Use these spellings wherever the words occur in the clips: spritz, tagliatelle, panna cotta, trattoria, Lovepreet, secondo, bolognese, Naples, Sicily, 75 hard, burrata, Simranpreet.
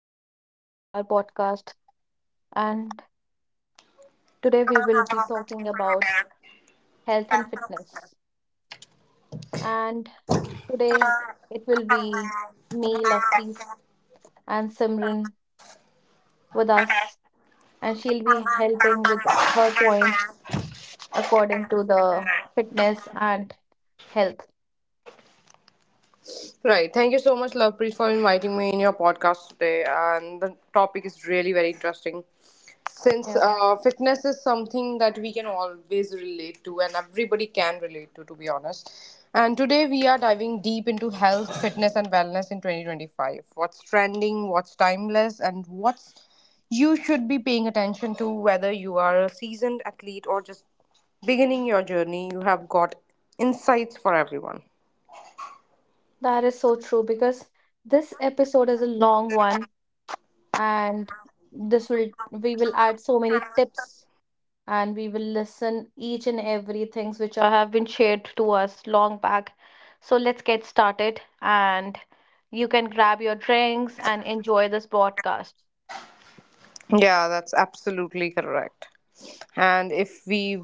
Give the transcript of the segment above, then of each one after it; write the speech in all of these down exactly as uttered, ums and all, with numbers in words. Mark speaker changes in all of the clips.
Speaker 1: and welcome to our podcast. And today we will be talking about health and fitness. And today it will be me, Lovepreet, and Simran with us, and she'll be helping with her points according to the fitness and health.
Speaker 2: Right. Thank you so much, Lovepreet, for inviting me in your podcast today. And the topic is really very interesting. Since
Speaker 1: Yeah,
Speaker 2: uh, fitness is something that we can always relate to, and everybody can relate to, to be honest. And today we are diving deep into health, fitness, and wellness in twenty twenty-five. What's trending, what's timeless, and what's you should be paying attention to, whether you are a seasoned athlete or just beginning your journey. You have got insights for everyone.
Speaker 1: that is so true because this episode is a long one, and this will we will add so many tips and we will listen each and every things which are, have been shared to us long back. So let's get started, and you can grab your drinks and enjoy this podcast.
Speaker 2: Yeah, that's absolutely correct. And if we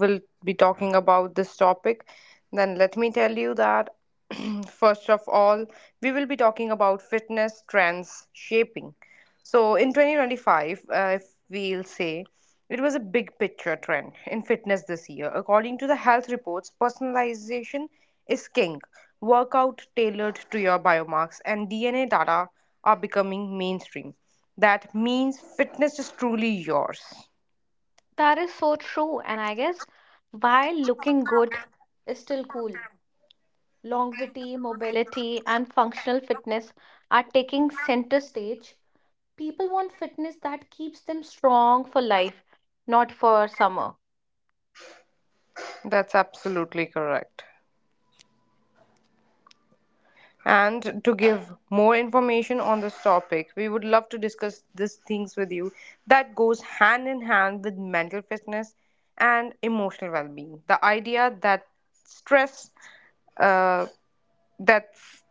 Speaker 2: will be talking about this topic, then let me tell you that first of all, we will be talking about fitness trends shaping. So in twenty twenty-five, uh, if we'll say, it was a big picture trend in fitness this year. According to the health reports, personalization is king. Workout tailored to your biomarks and D N A data are becoming mainstream. That means fitness is truly yours.
Speaker 1: That is so true, and I guess while looking good is still cool, longevity, mobility, and functional fitness are taking center stage. People want fitness that keeps them strong for life, not for summer.
Speaker 2: That's absolutely correct. And to give more information on this topic, we would love to discuss these things with you that goes hand in hand with mental fitness and emotional well being. The idea that stress, uh, that's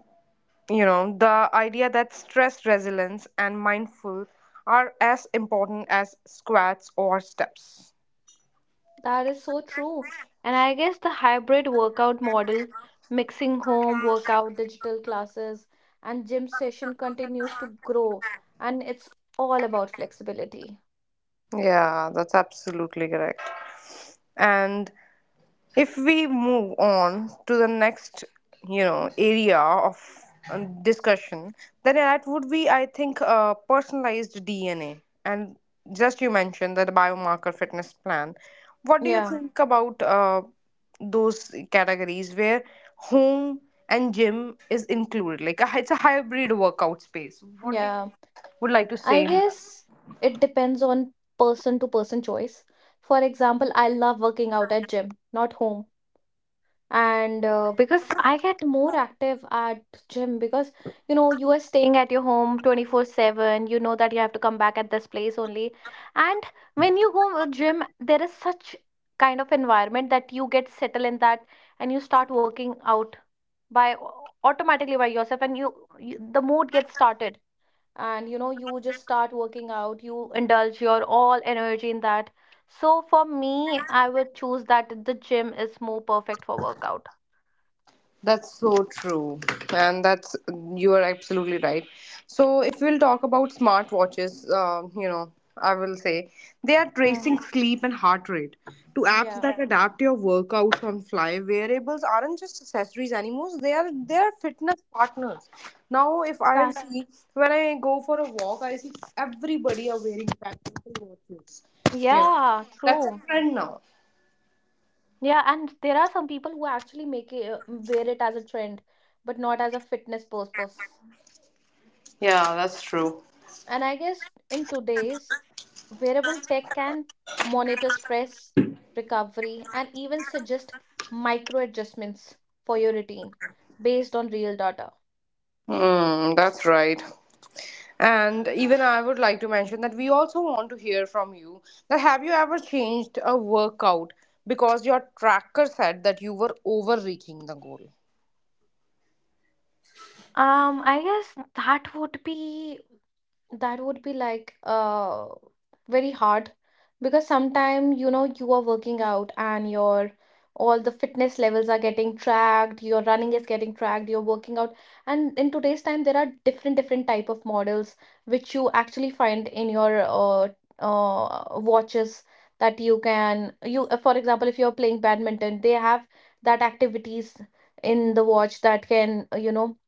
Speaker 2: you know, the idea that stress resilience and mindful are as important as squats or steps.
Speaker 1: That is so true. And I guess the hybrid workout model, mixing home workout, digital classes, and gym session continues to grow. And it's all about flexibility.
Speaker 2: Yeah, that's absolutely correct. And if we move on to the next, you know, area of uh, discussion, then that would be, I think, uh, personalized DNA, and just you mentioned that the biomarker fitness plan. What do you
Speaker 1: Yeah,
Speaker 2: think about uh, those categories where home and gym is included, like a, it's a hybrid workout space? What do
Speaker 1: yeah.
Speaker 2: you would like to say?
Speaker 1: I guess it depends on person to person choice. For example, I love working out at gym, not home. And uh, because I get more active at gym because you know you are staying at your home twenty-four seven, you know that you have to come back at this place only. And when you go to gym, there is such kind of environment that you get settled in that and you start working out by automatically by yourself, and you, you the mood gets started, and you know you just start working out, you indulge your all energy in that. So for me, I would choose that the gym is more perfect for workout.
Speaker 2: That's so true. And that's, you are absolutely right. So, if we'll talk about smartwatches, um, you know, I will say they are
Speaker 1: Hmm.
Speaker 2: tracing sleep and heart rate to apps
Speaker 1: Yeah.
Speaker 2: that adapt your workouts on fly. Wearables aren't just accessories anymore, they are they are fitness partners. Now, if I'll
Speaker 1: That,
Speaker 2: see, when I go for a walk, I see everybody are wearing practical watches. You know,
Speaker 1: yeah,
Speaker 2: that's a
Speaker 1: true.
Speaker 2: trend now.
Speaker 1: Yeah, and there are some people who actually make it uh, wear it as a trend, but not as a fitness purpose.
Speaker 2: Yeah, that's true.
Speaker 1: And I guess in today's wearable tech can monitor stress, recovery, and even suggest micro adjustments for your routine based on real data.
Speaker 2: Mm, that's right. And even I would like to mention that we also want to hear from you that have you ever changed a workout because your tracker said that you were overreaching the goal?
Speaker 1: Um, I guess that would be that would be like uh very hard because sometime you know you are working out and your all the fitness levels are getting tracked, your running is getting tracked, you're working out. And in today's time there are different different type of models which you actually find in your uh, uh watches, that you can you uh, for example if you're playing badminton they have that activities in the watch that can uh, you know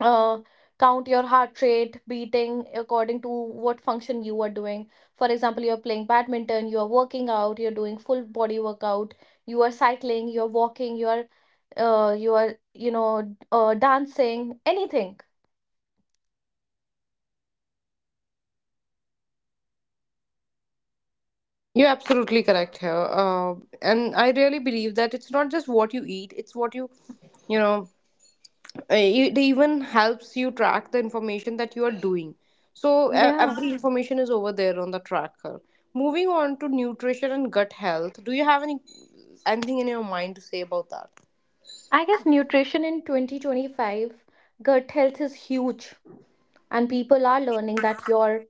Speaker 1: uh, count your heart rate beating according to what function you are doing. For example, you're playing badminton, you are working out, you're doing full body workout, you are cycling, you're walking, you are uh, you are you know uh, dancing, anything.
Speaker 2: You're absolutely correct here. Uh, and I really believe that it's not just what you eat, it's what you, you know, eh, it even helps you track the information that you are doing. So e-
Speaker 1: Yeah,
Speaker 2: every information is over there on the tracker. Moving on to nutrition and gut health, do you have any anything in your mind to say about that?
Speaker 1: I guess nutrition in twenty twenty-five, gut health is huge. And people are learning that your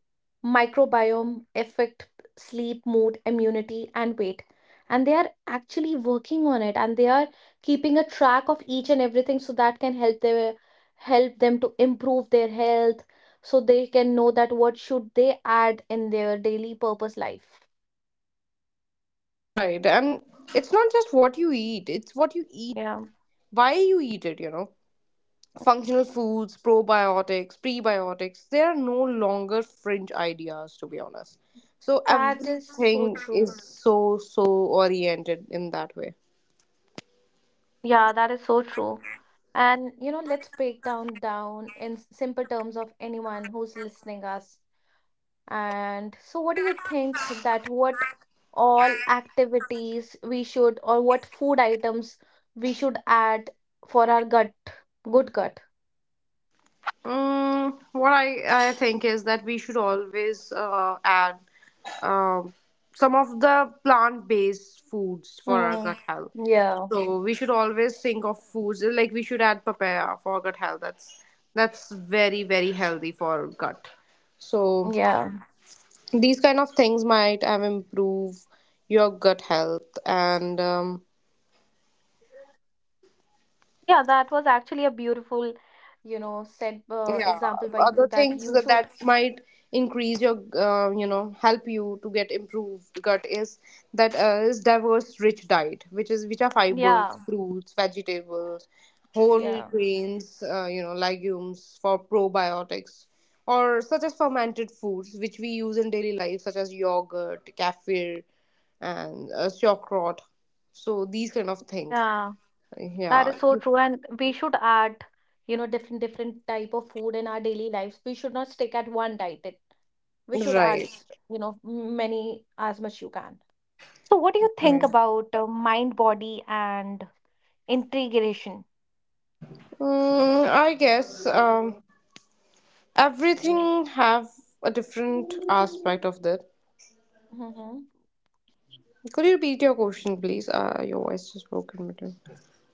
Speaker 1: microbiome affect sleep, mood, immunity, and weight, and they are actually working on it, and they are keeping a track of each and everything so that can help their help them to improve their health, so they can know that what should they add in their daily purpose life.
Speaker 2: Right. And it's not just what you eat, it's what you eat,
Speaker 1: Yeah,
Speaker 2: why you eat it, you know. Functional foods, probiotics, prebiotics, they are no longer fringe ideas, to be honest. So
Speaker 1: that is so
Speaker 2: everything
Speaker 1: true.
Speaker 2: is so, so oriented in that way.
Speaker 1: Yeah, that is so true. And you know, let's break down down in s- simple terms of anyone who's listening us. And so, what do you think that what all activities we should, or what food items we should add for our gut, good gut?
Speaker 2: Mm, what I, I think is that we should always uh, add um, some of the plant based foods for our
Speaker 1: Mm,
Speaker 2: gut health.
Speaker 1: yeah,
Speaker 2: So we should always think of foods like we should add papaya for gut health. That's that's very very healthy for gut. So
Speaker 1: yeah,
Speaker 2: these kind of things might um, improve your gut health and. Um,
Speaker 1: yeah. That was actually a beautiful, you know, said uh,
Speaker 2: yeah
Speaker 1: example by you
Speaker 2: Other
Speaker 1: that
Speaker 2: things
Speaker 1: you
Speaker 2: that,
Speaker 1: should,
Speaker 2: that might increase your uh, you know, help you to get improved gut is that uh, is diverse rich diet which is which are fibers,
Speaker 1: yeah,
Speaker 2: fruits, vegetables, whole
Speaker 1: yeah.
Speaker 2: grains, uh, you know, legumes, for probiotics or such as fermented foods which we use in daily life, such as yogurt, kefir, and uh, sauerkraut. So these kind of thing,
Speaker 1: Yeah, that
Speaker 2: yeah
Speaker 1: is so
Speaker 2: you-
Speaker 1: true. And we should add, you know, different different type of food in our daily lives. We should not stick at one diet. We should add
Speaker 2: right.
Speaker 1: s- You know, many, as much you can. So, what do you think
Speaker 2: Right.
Speaker 1: about uh, mind, body, and integration?
Speaker 2: Mm, I guess um, everything have a different aspect of that.
Speaker 1: Hmm.
Speaker 2: Could you repeat your question, please? Uh, your voice just broke in between.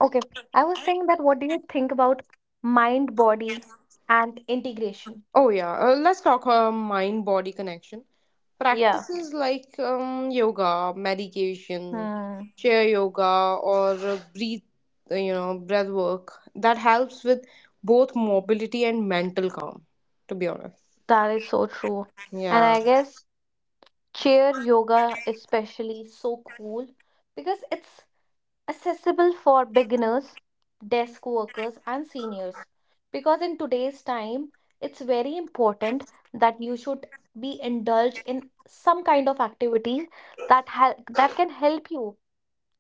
Speaker 1: Okay, I was saying that what do you think about mind, body, and integration?
Speaker 2: Oh yeah, uh, let's talk uh, mind-body connection.
Speaker 1: Yeah.
Speaker 2: Practices like um, yoga, meditation,
Speaker 1: Hmm.
Speaker 2: chair yoga, or uh, breathe, uh, you know, breath work, that helps with both mobility and mental calm. To be honest,
Speaker 1: That is so true. And
Speaker 2: yeah,
Speaker 1: I guess chair yoga, is especially, so cool because it's accessible for beginners, desk workers, and seniors. Because in today's time, it's very important that you should be indulged in some kind of activity that hel- that can help you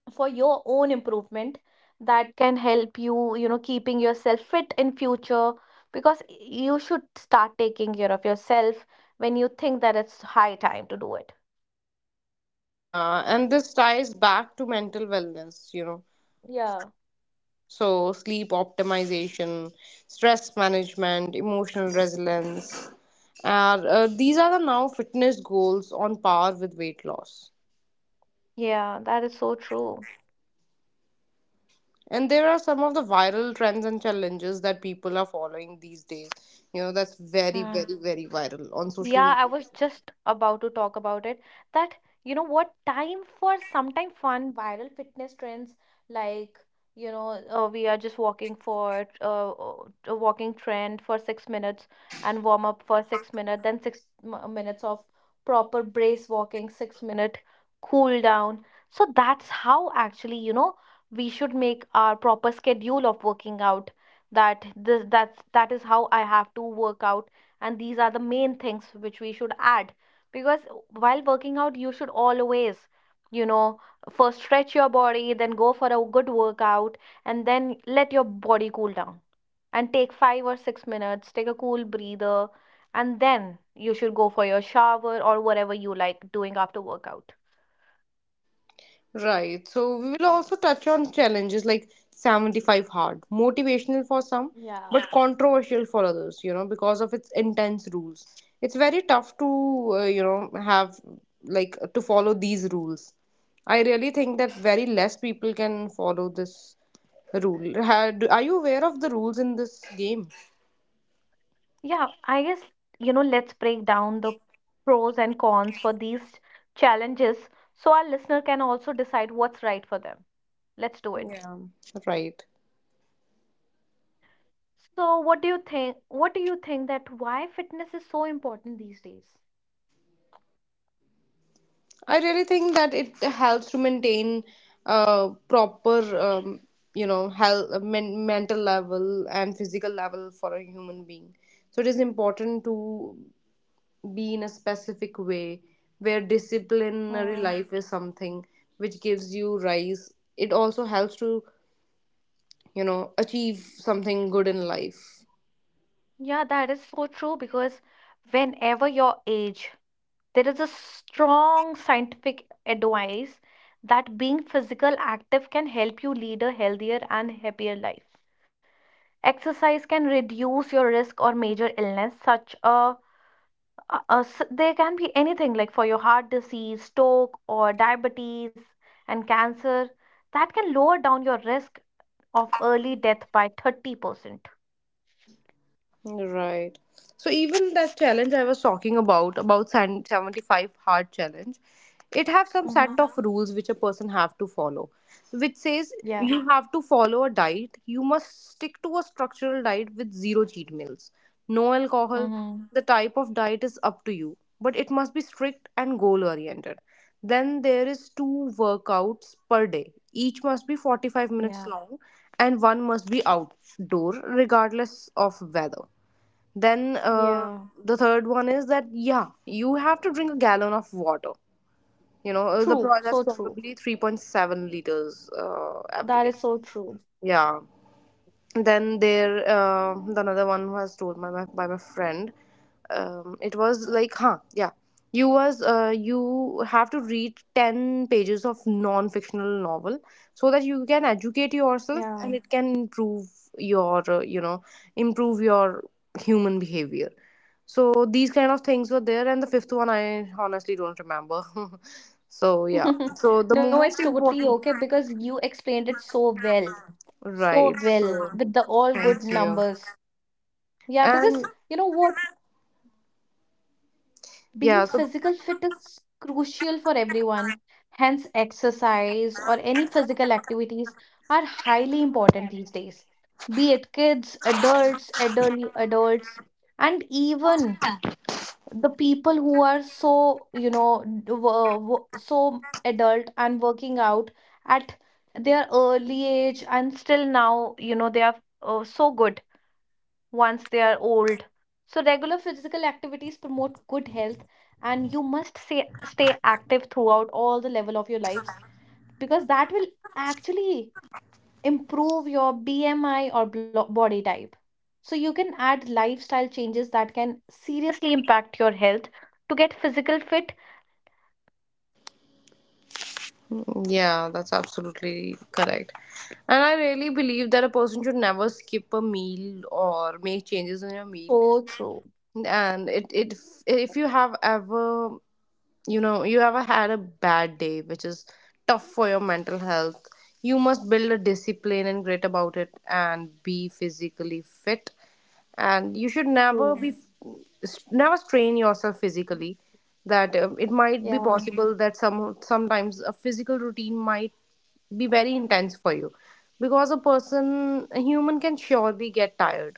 Speaker 1: for your own improvement, that can help you, you know, keeping yourself fit in future. Because you should start taking care of yourself when you think that it's high time to do it.
Speaker 2: yeah, and this ties back to mental wellness. You know.
Speaker 1: Yeah.
Speaker 2: So, sleep optimization, stress management, emotional resilience, and uh, these are the now fitness goals on par with weight loss.
Speaker 1: Yeah, that is so true.
Speaker 2: And there are some of the viral trends and challenges that people are following these days. You know, that's very,
Speaker 1: Mm.
Speaker 2: very, very viral on social
Speaker 1: Yeah,
Speaker 2: media.
Speaker 1: I was just about to talk about it. That, you know what, time for sometime fun viral fitness trends like, you know, uh, we are just walking for uh, uh, a walking trend for six minutes and warm up for six minutes, then six m- uh, minutes of proper brace walking, six minute cool down. So that's how actually, you know, we should make our proper schedule of working out. That this that's That is how I have to work out, and these are the main things which we should add. Because while working out you should always, you know, first stretch your body, then go for a good workout, and then let your body cool down, and take five or six minutes, take a cool breather, and then you should go for your shower or whatever you like doing after workout.
Speaker 2: Right. So we will also touch on challenges like seventy-five hard, motivational for some,
Speaker 1: Yeah.
Speaker 2: but yeah, controversial for others, you know, because of its intense rules. It's very tough to, uh, you know, have like to follow these rules. I really think that very less people can follow this rule. Had, are you aware of the rules in this game?
Speaker 1: Yeah, I guess, you know, let's break down the pros and cons for these challenges so our listener can also decide what's right for them. Let's do it.
Speaker 2: Yeah. Right.
Speaker 1: So, what do you think? What do you think that why fitness is so important these days?
Speaker 2: I really think that it helps to maintain uh, proper, um, you know, health, uh, men- mental level and physical level for a human being. So it is important to be in a specific way where disciplinary
Speaker 1: Hmm.
Speaker 2: life is something which gives you rise. It also helps to, you know, achieve something good in life.
Speaker 1: Yeah, that is so true because whenever your age, there is a strong scientific advice that being physical active can help you lead a healthier and happier life. Exercise can reduce your risk or major illness such a Uh, uh, s there can be anything like for your heart disease, stroke, or diabetes and cancer, that can lower down your risk of early death by thirty percent.
Speaker 2: Right. So even that challenge I was talking about, about san- seventy-five hard challenge, it have some set
Speaker 1: Mm-hmm.
Speaker 2: of rules which a person have to follow, which says
Speaker 1: Yeah.
Speaker 2: you have to follow a diet. You must stick to a structural diet with zero cheat meals, no alcohol.
Speaker 1: Mm-hmm.
Speaker 2: The type of diet is up to you, but it must be strict and goal oriented. Then there is two workouts per day. Each must be forty-five minutes
Speaker 1: Yeah.
Speaker 2: long and one must be outdoor regardless of weather. Then uh,
Speaker 1: Yeah.
Speaker 2: the third one is that, yeah, you have to drink a gallon of water. You know, uh, the pro
Speaker 1: True.
Speaker 2: that's
Speaker 1: So true.
Speaker 2: probably three point seven liters uh, every
Speaker 1: That
Speaker 2: day.
Speaker 1: is so true.
Speaker 2: Yeah, then there uh, the another one was told by my by my friend. Um, it was like, huh yeah you was uh, you have to read ten pages of non-fictional novel so that you can educate
Speaker 1: Yeah.
Speaker 2: yourself and it can improve your uh, you know, improve your human behavior. So these kind of things were there, and the fifth one I honestly don't remember. So yeah, so the
Speaker 1: No,
Speaker 2: mo-
Speaker 1: it's
Speaker 2: most
Speaker 1: totally
Speaker 2: important
Speaker 1: okay because you explained it so well. So
Speaker 2: right.
Speaker 1: well
Speaker 2: So
Speaker 1: with the all good
Speaker 2: thank you.
Speaker 1: numbers. Yeah,
Speaker 2: And
Speaker 1: because you know what? Being
Speaker 2: yeah, so
Speaker 1: physical fit is crucial for everyone. Hence, exercise or any physical activities are highly important these days, be it kids, adults, elderly adults, and even the people who are so, you know, d- wo- wo- so adult and working out at their early age, and still now, you know, they are uh, so good once they are old. So, regular physical activities promote good health, and you must say, stay active throughout all the level of your lives because that will actually improve your B M I or blo- body type. So, you can add lifestyle changes that can seriously impact your health to get physical fit.
Speaker 2: yeah, that's absolutely correct. And I really believe that a person should never skip a meal or make changes in your meal.
Speaker 1: So true.
Speaker 2: And it it if you have ever, you know, you ever had a bad day which is tough for your mental health, you must build a discipline and grit about it and be physically fit. And you should never
Speaker 1: True.
Speaker 2: be, never strain yourself physically. That um, it might be
Speaker 1: Yeah.
Speaker 2: possible that some sometimes a physical routine might be very intense for you, because a person, a human, can surely get tired.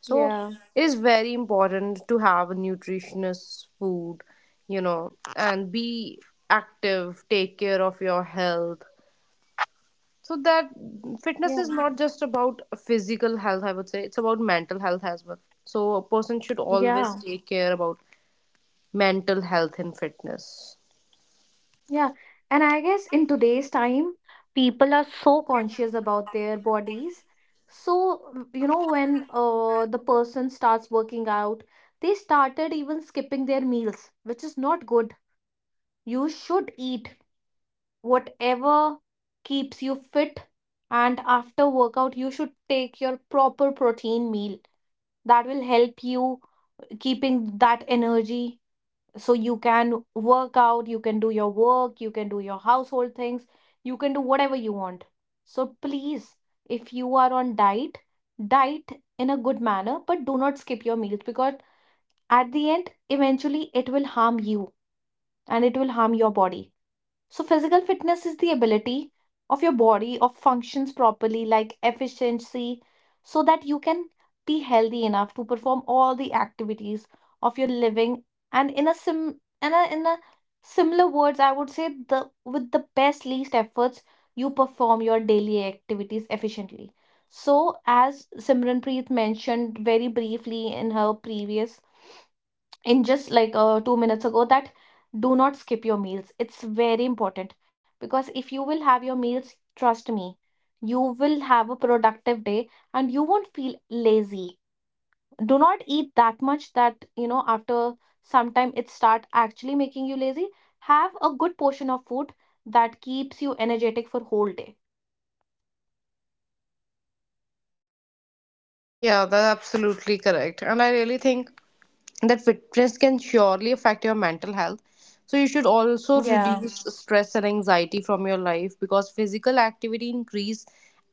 Speaker 2: So
Speaker 1: Yeah.
Speaker 2: it is very important to have a nutritious food, you know, and be active, take care of your health. So that fitness is
Speaker 1: Yeah.
Speaker 2: not just about physical health, I would say, it's about mental health as well. So a person should always
Speaker 1: Yeah.
Speaker 2: take care about mental health and fitness.
Speaker 1: Yeah, and I guess in today's time, people are so conscious about their bodies. So, w- you know, when uh, the person starts working out, they started even skipping their meals, which is not good. You should eat whatever keeps you fit, and after workout, you should take your proper protein meal. That will help you keeping that energy, so you can work out, you can do your work, you can do your household things, you can do whatever you want. So please, if you are on diet, diet in a good manner, but do not skip your meals because at the end eventually it will harm you, and it will harm your body. So, physical fitness is the ability of your body of functions properly, like efficiency, so that you can be healthy enough to perform all the activities of your living. And in a sim, in a, in a similar words, I would say the with the best least efforts, you perform your daily activities efficiently. So, as Simranpreet mentioned very briefly in her previous in just like uh, two minutes ago, that do not skip your meals. It's very important, because if you will have your meals, trust me, you will have a productive day and you won't feel lazy. Do not eat that much that you know after some time it start actually making you lazy. Have a good portion of food that keeps you energetic for whole day.
Speaker 2: Yeah, that's absolutely correct. And I really think that fitness can surely affect your mental health. So you should also
Speaker 1: Yeah,
Speaker 2: reduce stress and anxiety from your life, because physical activity increase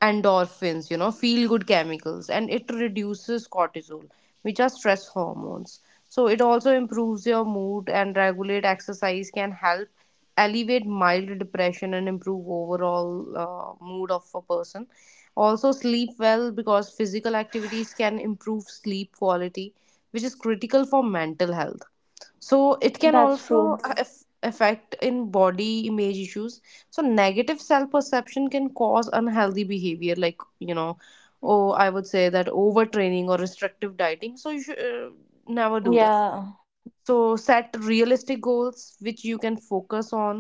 Speaker 2: endorphins, you know, feel good chemicals, and it reduces cortisol, which are stress hormones. So it also improves your mood, and regulate exercise can help alleviate mild depression and improve overall uh, mood of a person. Also sleep well, because physical activities can improve sleep quality, which is critical for mental health. So it can
Speaker 1: that's
Speaker 2: also
Speaker 1: true.
Speaker 2: aff- affect in body image issues. So negative self perception can cause unhealthy behavior, like, you know, oh, I would say that overtraining or restrictive dieting. So you should uh, never do that.
Speaker 1: Yeah,
Speaker 2: So set realistic goals which you can focus on,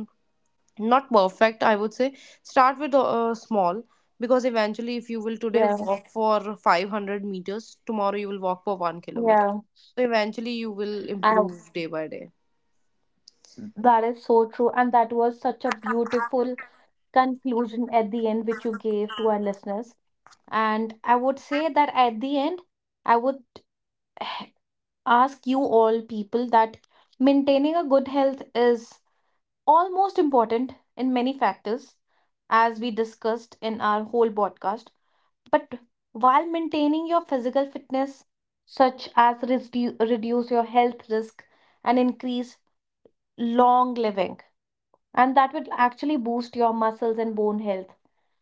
Speaker 2: not perfect, I would say. Start with uh, small, because eventually if you will today
Speaker 1: yeah,
Speaker 2: walk for five hundred meters, tomorrow you will walk for one kilometer.
Speaker 1: yeah.
Speaker 2: So eventually you will
Speaker 1: And
Speaker 2: improve day by day.
Speaker 1: that is so true. And that was such a beautiful conclusion at the end which you gave to our listeners. And I would say that at the end, I would ask you all people that maintaining a good health is almost important in many factors, as we discussed in our whole podcast. But while maintaining your physical fitness, such as redu- reduce your health risk and increase long living, and that would actually boost your muscles and bone health.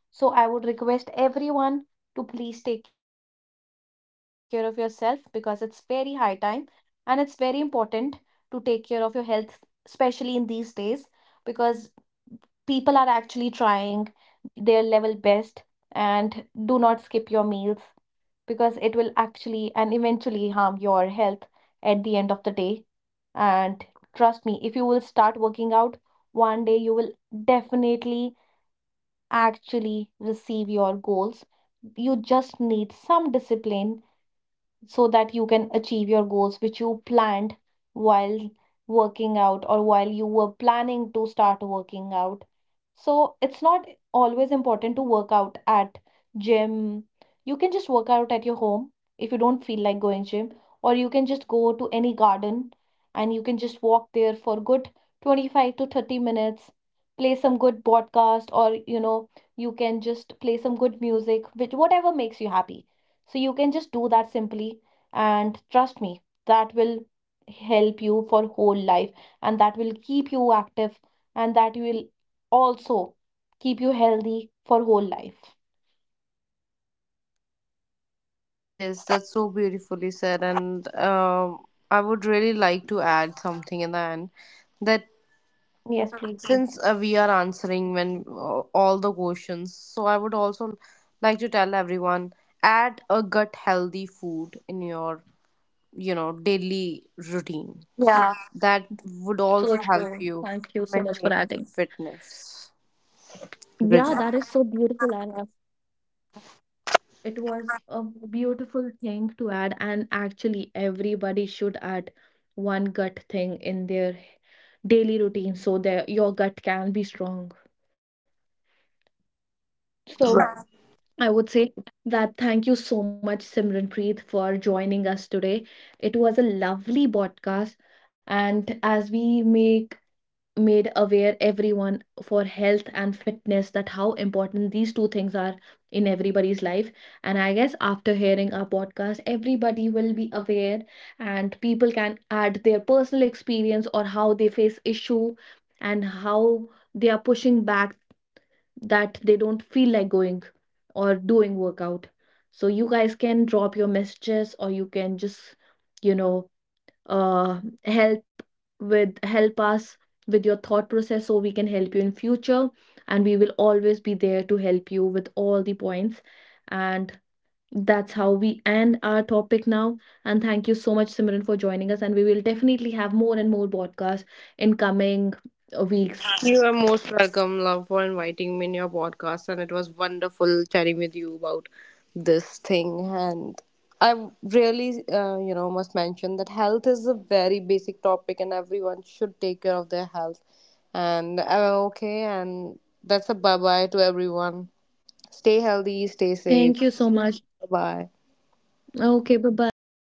Speaker 1: So I would request everyone to please take care of yourself because it's very high time and it's very important to take care of your health, especially in these days because people are actually trying their level best. And do not skip your meals because it will actually and eventually harm your health at the end of the day. And trust me, if you will start working out one day, you will definitely actually receive your goals. You just need some discipline so that you can achieve your goals which you planned while working out or while you were planning to start working out. So it's not always important to work out at gym. You can just work out at your home if you don't feel like going gym, or you can just go to any garden and you can just walk there for good twenty-five to thirty minutes, play some good podcast, or you know, you can just play some good music which whatever makes you happy. So you can just do that simply, and trust me, that will help you for whole life, and that will keep you active, and that will also keep you healthy for whole life.
Speaker 2: Yes, that's so beautifully said. And um, I would really like to add something in the end, that
Speaker 1: Yes, please.
Speaker 2: since uh, we are answering when uh, all the questions, so I would also like to tell everyone, add a gut healthy food in your, you know, daily routine. So
Speaker 1: Yeah,
Speaker 2: that would also
Speaker 1: so
Speaker 2: help
Speaker 1: true.
Speaker 2: you
Speaker 1: Thank you so much
Speaker 2: maintain
Speaker 1: for adding.
Speaker 2: fitness. Bridget.
Speaker 1: Yeah, that is so beautiful, Anna. It was a beautiful thing to add, and actually, everybody should add one gut thing in their daily routine so that your gut can be strong. So,
Speaker 2: Right.
Speaker 1: I would say that thank you so much, Simranpreet, for joining us today. It was a lovely podcast, and as we make made aware everyone for health and fitness, that how important these two things are in everybody's life. And I guess after hearing our podcast everybody will be aware, and people can add their personal experience or how they face issue and how they are pushing back, that they don't feel like going or doing workout. So you guys can drop your messages, or you can just, you know, uh help with help us with your thought process so we can help you in future. And we will always be there to help you with all the points. And that's how we end our topic now. And thank you so much, Simran, for joining us, and we will definitely have more and more podcasts in coming uh, weeks.
Speaker 2: You are most welcome, love, for inviting me in your podcast, and it was wonderful chatting with you about this thing. And I really, uh, you know, must mention that health is a very basic topic, and everyone should take care of their health. And uh, okay, and that's a bye bye to everyone. Stay healthy, stay safe.
Speaker 1: Thank you so much.
Speaker 2: Bye bye.
Speaker 1: Okay, bye bye.